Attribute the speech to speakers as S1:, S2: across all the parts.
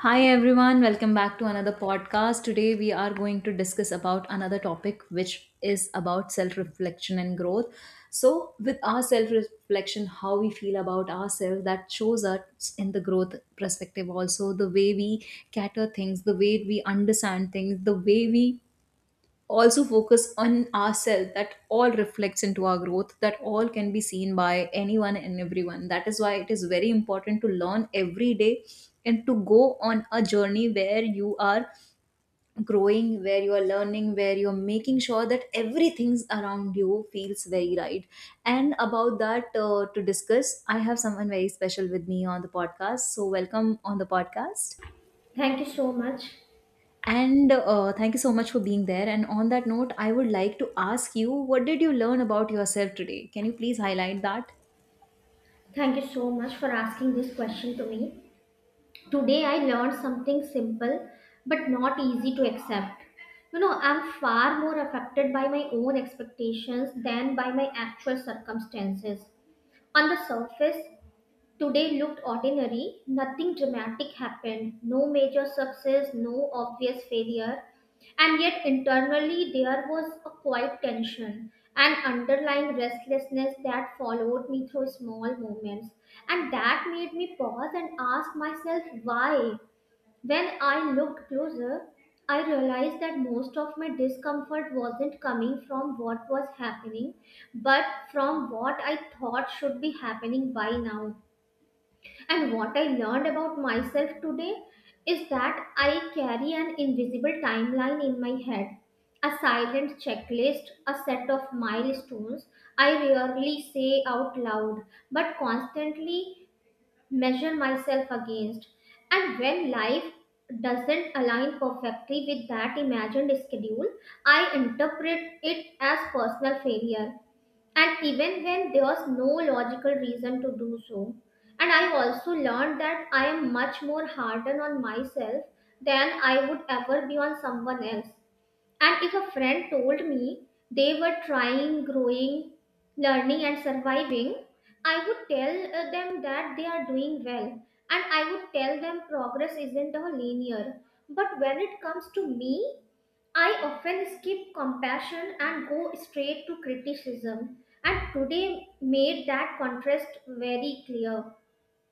S1: Hi everyone, welcome back to another podcast. Today we are going to discuss about another topic which is about self-reflection and growth. So, with our self-reflection, how we feel about ourselves that shows us in the growth perspective also, the way we cater things, the way we understand things, the way we also focus on ourselves that all reflects into our growth that all can be seen by anyone and everyone. That is why it is very important to learn every day and to go on a journey where you are growing, where you are learning, where you are making sure that everything around you feels very right. And about that, to discuss, I have someone very special with me on the podcast, so welcome on the podcast.
S2: Thank you so much.
S1: And thank you so much for being there. And on that note, I would like to ask you, what did you learn about yourself today? Can you please highlight that?
S2: Thank you so much for asking this question to me. Today I learned something simple but not easy to accept. You know, I'm far more affected by my own expectations than by my actual circumstances. On the surface, today looked ordinary, nothing dramatic happened, no major success, no obvious failure, and yet internally there was a quiet tension, an underlying restlessness that followed me through small moments, and that made me pause and ask myself why. When I looked closer, I realized that most of my discomfort wasn't coming from what was happening, but from what I thought should be happening by now, and what I learned about myself today is that I carry an invisible timeline in my head, a silent checklist, a set of milestones I rarely say out loud but constantly measure myself against. And when life doesn't align perfectly with that imagined schedule, I interpret it as personal failure, and even when there was no logical reason to do so. And I also learned that I am much more hardened on myself than I would ever be on someone else, and if a friend told me they were trying, growing, learning, and surviving, I would tell them that they are doing well, and I would tell them progress isn't all linear. But when it comes to me, I often skip compassion and go straight to criticism, and today made that contrast very clear.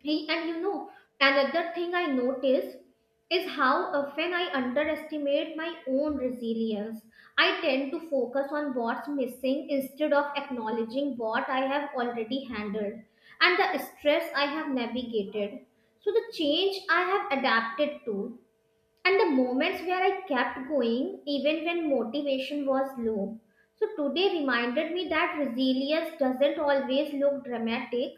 S2: Hey. And another thing I notice is how often I underestimate my own resilience. I tend to focus on what's missing instead of acknowledging what I have already handled and the stress I have navigated. So, the change I have adapted to and the moments where I kept going even when motivation was low. So today reminded me that resilience doesn't always look dramatic.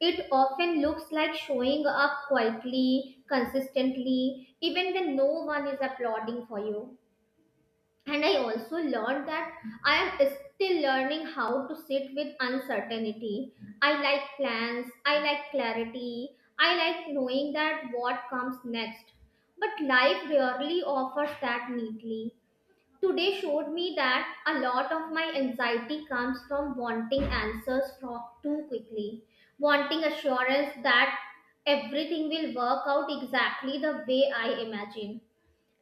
S2: It often looks like showing up quietly, consistently, even when no one is applauding for you. And I also learned that I am still learning how to sit with uncertainty. I like plans, I like clarity, I like knowing that what comes next. But life rarely offers that neatly. Today showed me that a lot of my anxiety comes from wanting answers from too quickly, wanting assurance that everything will work out exactly the way I imagine.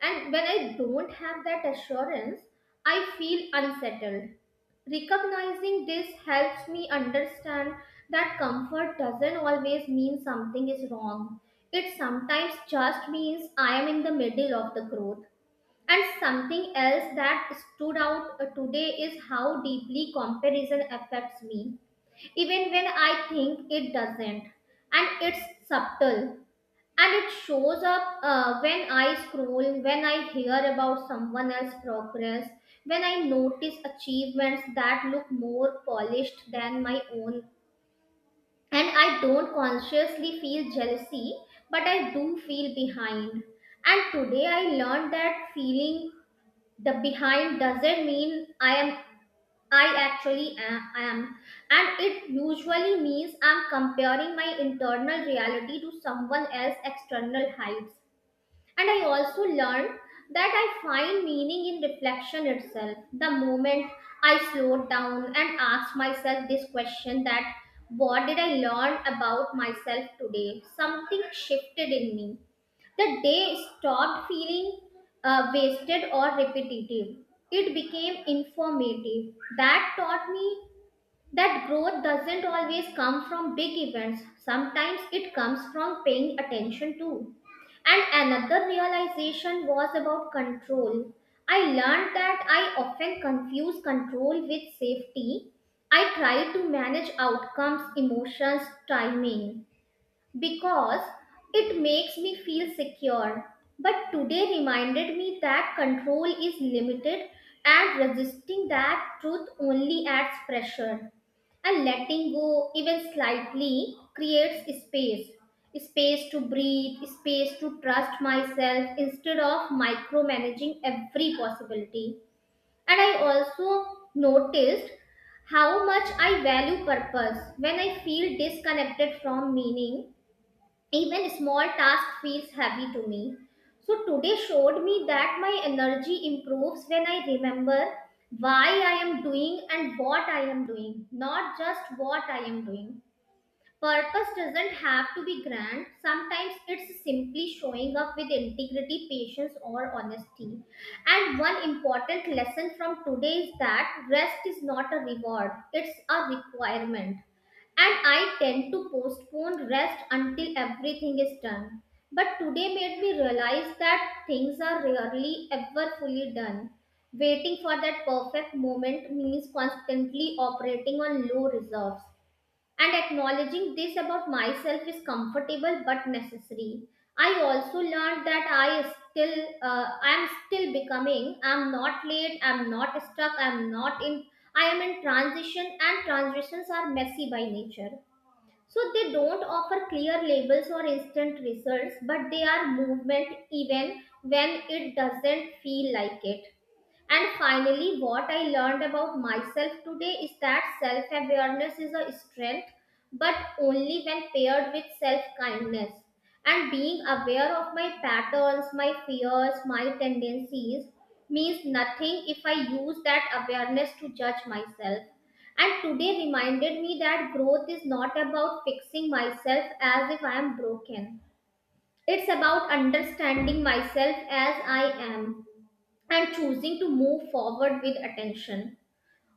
S2: And when I don't have that assurance, I feel unsettled. Recognizing this helps me understand that comfort doesn't always mean something is wrong. It sometimes just means I am in the middle of the growth. And something else that stood out today is how deeply comparison affects me, even when I think it doesn't. And it's subtle, and it shows up when I scroll, when I hear about someone else's progress, when I notice achievements that look more polished than my own. And I don't consciously feel jealousy, but I do feel behind. And today I learned that feeling the behind doesn't mean I actually am, and it usually means I'm comparing my internal reality to someone else's external heights. And I also learned that I find meaning in reflection itself. The moment I slowed down and asked myself this question that what did I learn about myself today? Something shifted in me. The day stopped feeling wasted or repetitive. It became informative. That taught me that growth doesn't always come from big events, sometimes it comes from paying attention too. And another realization was about control. I learned that I often confuse control with safety. I try to manage outcomes, emotions, timing, because it makes me feel secure. But today reminded me that control is limited and resisting that truth only adds pressure. And letting go, even slightly, creates space, space to breathe, space to trust myself instead of micromanaging every possibility. And I also noticed how much I value purpose. When I feel disconnected from meaning, even small task feels heavy to me. So today showed me that my energy improves when I remember why I am doing and what I am doing, not just what I am doing. Purpose doesn't have to be grand. Sometimes it's simply showing up with integrity, patience, or honesty. And one important lesson from today is that rest is not a reward, it's a requirement. And I tend to postpone rest until everything is done. But today made me realize that things are rarely ever fully done. Waiting for that perfect moment means constantly operating on low reserves. And acknowledging this about myself is comfortable but necessary. I also learned that I'm still becoming. I'm not late. I'm not stuck. I'm not in. I am in transition, and transitions are messy by nature. So they don't offer clear labels or instant results, but they are movement even when it doesn't feel like it. And finally, what I learned about myself today is that self awareness is a strength, but only when paired with self kindness. And being aware of my patterns, my fears, my tendencies means nothing if I use that awareness to judge myself. And today reminded me that growth is not about fixing myself as if I am broken. It's about understanding myself as I am and choosing to move forward with attention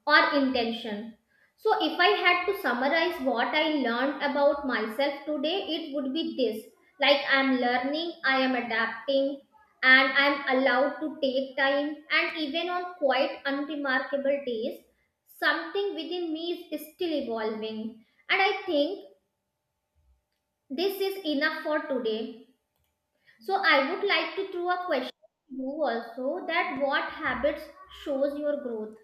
S2: or intention. So, if I had to summarize what I learned about myself today, it would be this, like I am learning, I am adapting, and I am allowed to take time, and even on quite unremarkable days, something within me is still evolving. And I think this is enough for today. So, I would like to throw a question to you also, that what habits shows your growth.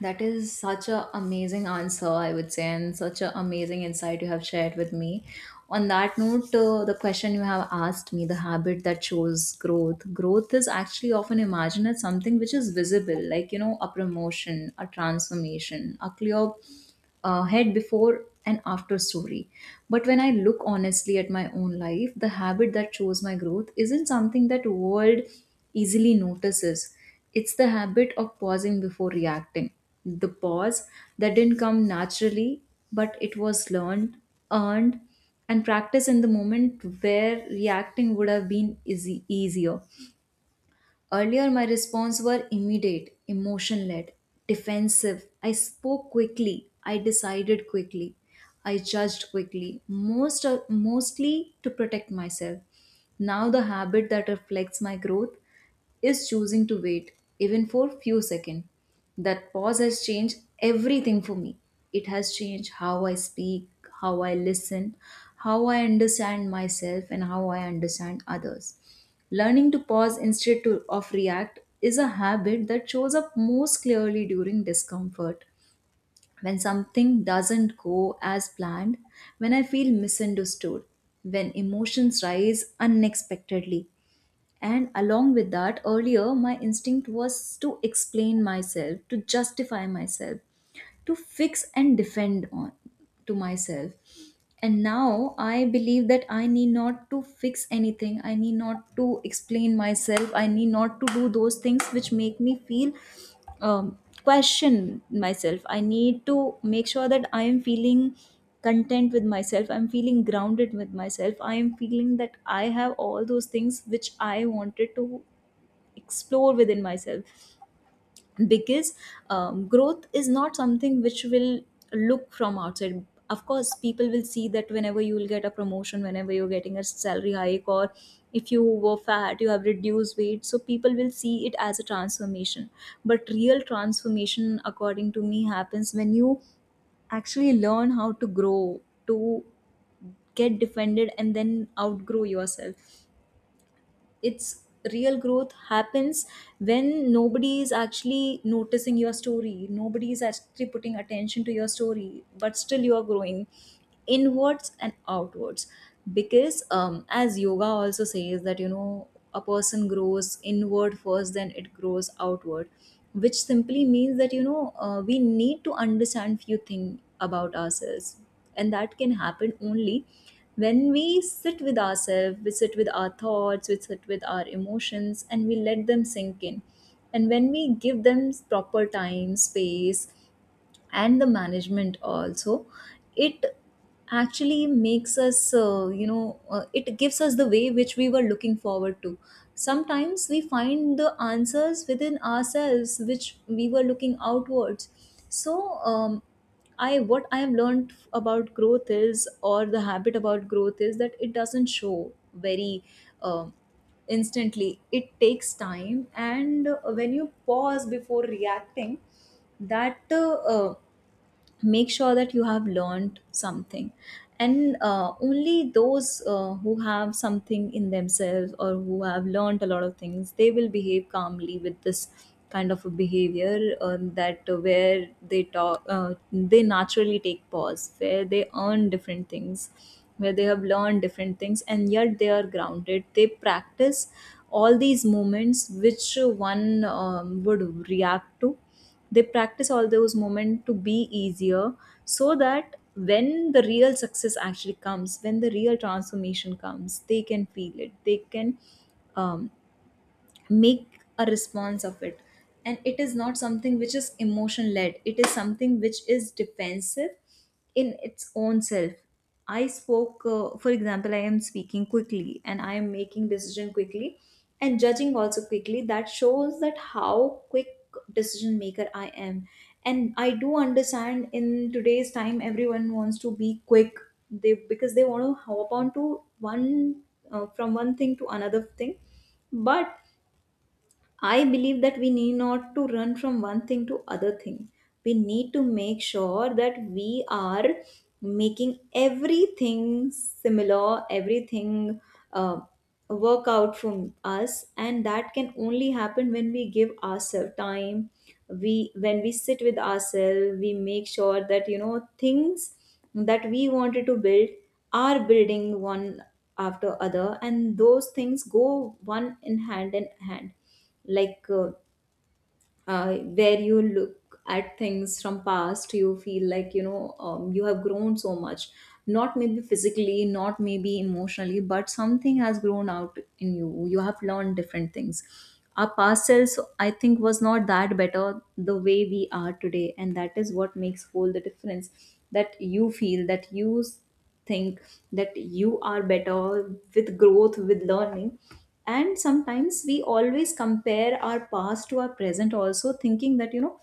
S1: That is such an amazing answer, I would say, and such an amazing insight you have shared with me. On that note, the question you have asked me, the habit that shows growth, growth is actually often imagined as something which is visible, like, you know, a promotion, a transformation, a clear head before and after story. But when I look honestly at my own life, the habit that shows my growth isn't something that world easily notices. It's the habit of pausing before reacting. The pause that didn't come naturally, but it was learned, earned, and practiced in the moment where reacting would have been easy, easier. Earlier, my response were immediate, emotion led, defensive. I spoke quickly. I decided quickly. I judged quickly, mostly to protect myself. Now, the habit that reflects my growth is choosing to wait, even for few seconds. That pause has changed everything for me. It has changed how I speak, how I listen, how I understand myself, and how I understand others. Learning to pause instead of react is a habit that shows up most clearly during discomfort. When something doesn't go as planned, when I feel misunderstood, when emotions rise unexpectedly. And along with that, earlier my instinct was to explain myself, to justify myself, to fix and defend on to myself. And now I believe that I need not to fix anything, I need not to explain myself, I need not to do those things which make me feel, um, question myself. I need to make sure that I am feeling content with myself, I'm feeling grounded with myself, I am feeling that I have all those things which I wanted to explore within myself. Because growth is not something which will look from outside. Of course people will see that whenever you will get a promotion, whenever you're getting a salary hike, or if you were fat you have reduced weight, so people will see it as a transformation. But real transformation according to me happens when you actually learn how to grow, to get defended and then outgrow yourself. It's, real growth happens when nobody is actually noticing your story, nobody is actually putting attention to your story, but still you are growing inwards and outwards. Because as yoga also says that, you know, a person grows inward first then it grows outward, which simply means that, you know, we need to understand few things about ourselves. And that can happen only when we sit with ourselves, we sit with our thoughts, we sit with our emotions, and we let them sink in. And when we give them proper time, space, and the management also, it actually makes us, you know, it gives us the way which we were looking forward to. Sometimes we find the answers within ourselves which we were looking outwards. So I what I have learned about growth is, or the habit about growth is that it doesn't show very um, instantly, it takes time. And when you pause before reacting, that make sure that you have learned something. And only those who have something in themselves, or who have learned a lot of things, they will behave calmly with this kind of a behavior, that where they talk, they naturally take pause, where they earn different things, where they have learned different things, and yet they are grounded. They practice all these moments which one would react to, they practice all those moments to be easier. So that when the real success actually comes, when the real transformation comes, they can feel it. They can, um, make a response of it, and it is not something which is emotion led, it is something which is defensive in its own self. I spoke, for example, I am speaking quickly and I am making decision quickly and judging also quickly, that shows that how quick decision maker I am. And I do understand in today's time everyone wants to be quick, they, because they want to hop on to one, from one thing to another thing. But I believe that we need not to run from one thing to other thing. We need to make sure that we are making everything similar, everything uh, work out from us, and that can only happen when we give ourselves time. We when we sit with ourselves, we make sure that, you know, things that we wanted to build are building one after other, and those things go one in hand in hand. Like where you look at things from past, you feel like, you know, you have grown so much, not maybe physically, not maybe emotionally, but something has grown out in you, you have learned different things. Our past selves, I think, was not that better the way we are today, and that is what makes all the difference. That you feel that you think that you are better with growth, with learning. And sometimes we always compare our past to our present also, thinking that, you know,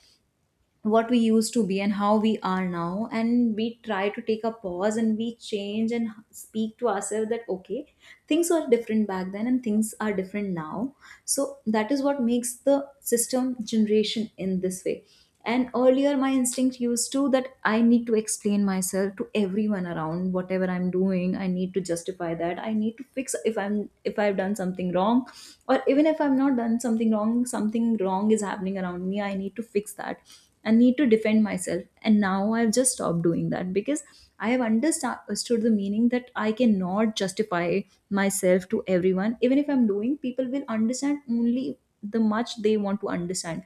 S1: what we used to be and how we are now, and we try to take a pause, and we change and speak to ourselves that, okay, things were different back then and things are different now. So that is what makes the system generation in this way. And earlier my instinct used to that I need to explain myself to everyone around whatever I'm doing, I need to justify that, I need to fix, if I've done something wrong, or even if I've not done something wrong, something wrong is happening around me, I need to fix that. I need to defend myself. And now I've just stopped doing that because I have understood the meaning that I cannot justify myself to everyone. Even if I'm doing, people will understand only the much they want to understand.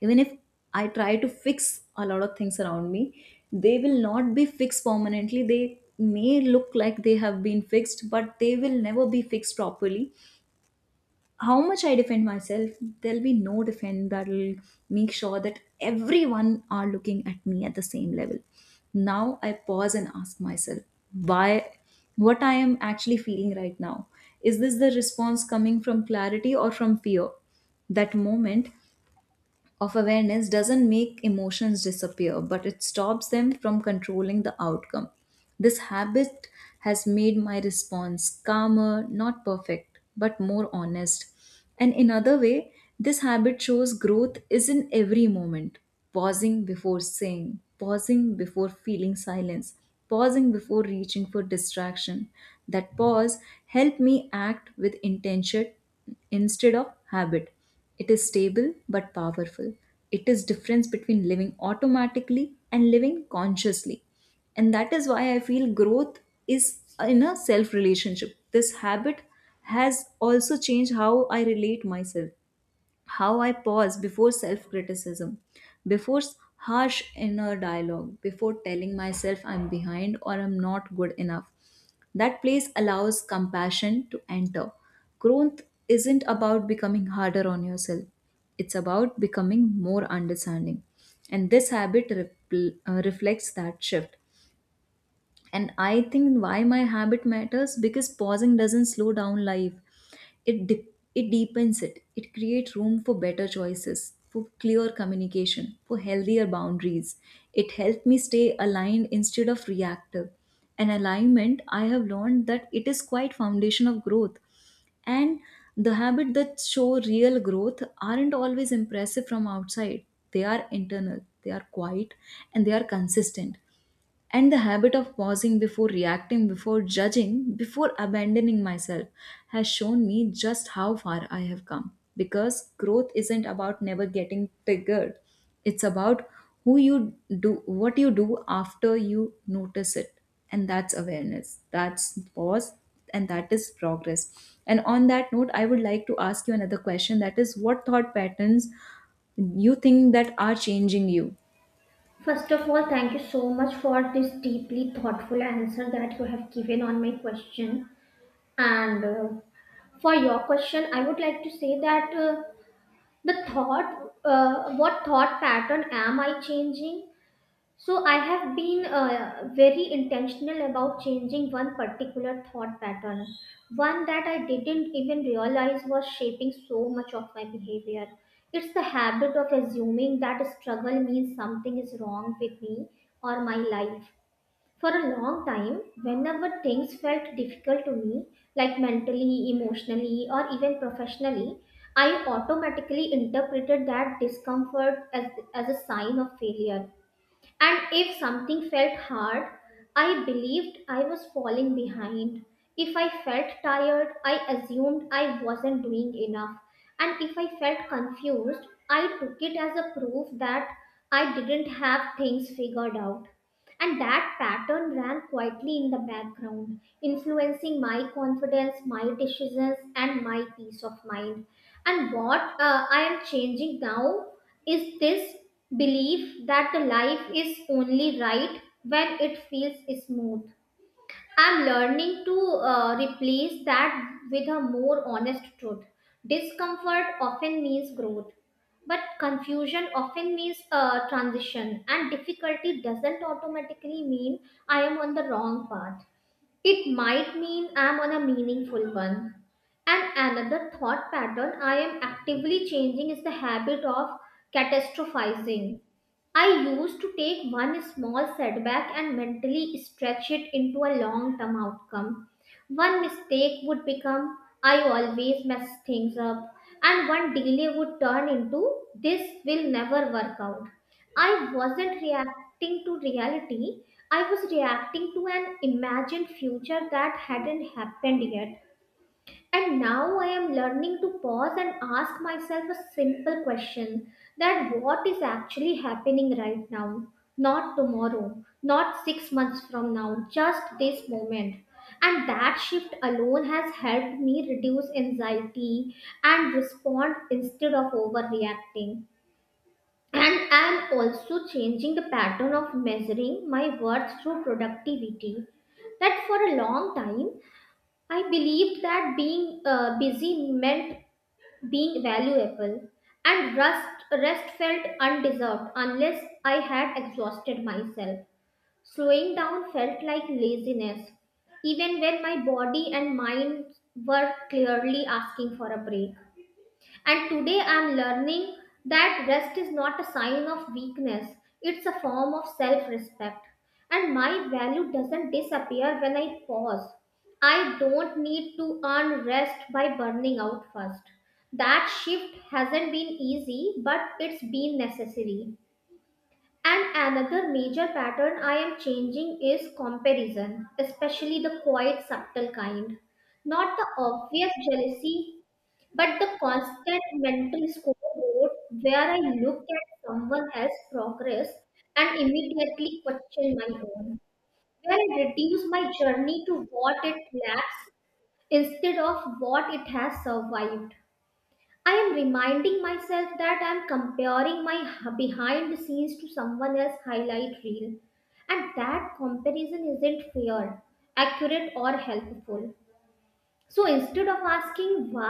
S1: Even if I try to fix a lot of things around me, they will not be fixed permanently. They may look like they have been fixed, but they will never be fixed properly. How much I defend myself, there'll be no defend that'll make sure that everyone are looking at me at the same level. Now I pause and ask myself, why, what I am actually feeling right now? Is this the response coming from clarity or from fear? That moment of awareness doesn't make emotions disappear, but it stops them from controlling the outcome. This habit has made my response calmer, not perfect, but more honest. And in other way, this habit shows growth is in every moment. Pausing before saying, pausing before feeling silence, pausing before reaching for distraction. That pause helped me act with intention instead of habit. It is stable but powerful. It is difference between living automatically and living consciously. And that is why I feel growth is in a self relationship. This habit has also changed how I relate myself, how I pause before self criticism, before harsh inner dialogue, before telling myself I'm behind or I'm not good enough. That place allows compassion to enter. Growth isn't about becoming harder on yourself, it's about becoming more understanding. And this habit reflects that shift. And I think why my habit matters, because pausing doesn't slow down life, it dip it deepens it, it creates room for better choices, for clear communication, for healthier boundaries. It helped me stay aligned instead of reactive, and alignment I have learned that it is quite foundation of growth. And the habit that show real growth aren't always impressive from outside, they are internal, they are quiet, and they are consistent. And the habit of pausing before reacting, before judging, before abandoning myself has shown me just how far I have come. Because growth isn't about never getting triggered, it's about who you do, what you do after you notice it. And that's awareness, that's pause, and that is progress. And on that note, I would like to ask you another question, that is, what thought patterns you think that are changing you?
S2: First of all, thank you so much for this deeply thoughtful answer that you have given on my question. And for your question, I would like to say that what thought pattern am I changing? So I have been very intentional about changing one particular thought pattern, one that I didn't even realize was shaping so much of my behavior. It's the habit of assuming that struggle means something is wrong with me or my life. For a long time, whenever things felt difficult to me, like mentally, emotionally, or even professionally, I automatically interpreted that discomfort as a sign of failure. And if something felt hard, I believed I was falling behind. If I felt tired, I assumed I wasn't doing enough. And if I felt confused, I took it as a proof that I didn't have things figured out. And that pattern ran quietly in the background, influencing my confidence, my decisions, and my peace of mind. And what I am changing now is this belief that life is only right when it feels smooth. I'm learning to replace that with a more honest truth. Discomfort often means growth, but confusion often means transition, and difficulty doesn't automatically mean I am on the wrong path. It might mean I'm on a meaningful one. And another thought pattern I am actively changing is the habit of catastrophizing. I used to take one small setback and mentally stretch it into a long term outcome. One mistake would become, "I always mess things up," and one delay would turn into, "this will never work out." I wasn't reacting to reality. I was reacting to an imagined future that hadn't happened yet. And now I am learning to pause and ask myself a simple question, that what is actually happening right now? Not tomorrow, not 6 months from now, just this moment. And that shift alone has helped me reduce anxiety and respond instead of overreacting. And I'm also changing the pattern of measuring my worth through productivity. That for a long time, I believed that being busy meant being valuable, and rest felt undeserved unless I had exhausted myself. Slowing down felt like laziness, even when my body and mind were clearly asking for a break. And today I'm learning that rest is not a sign of weakness, it's a form of self respect. And my value doesn't disappear when I pause. I don't need to earn rest by burning out first. That shift hasn't been easy, but it's been necessary. And another major pattern I am changing is comparison, especially the quiet, subtle kind. Not the obvious jealousy, but the constant mental scoreboard where I look at someone else's progress and immediately question my own, where I reduce my journey to what it lacks instead of what it has survived. I am reminding myself that I am comparing my behind the scenes to someone else's highlight reel, and that comparison isn't fair, accurate, or helpful. So instead of asking why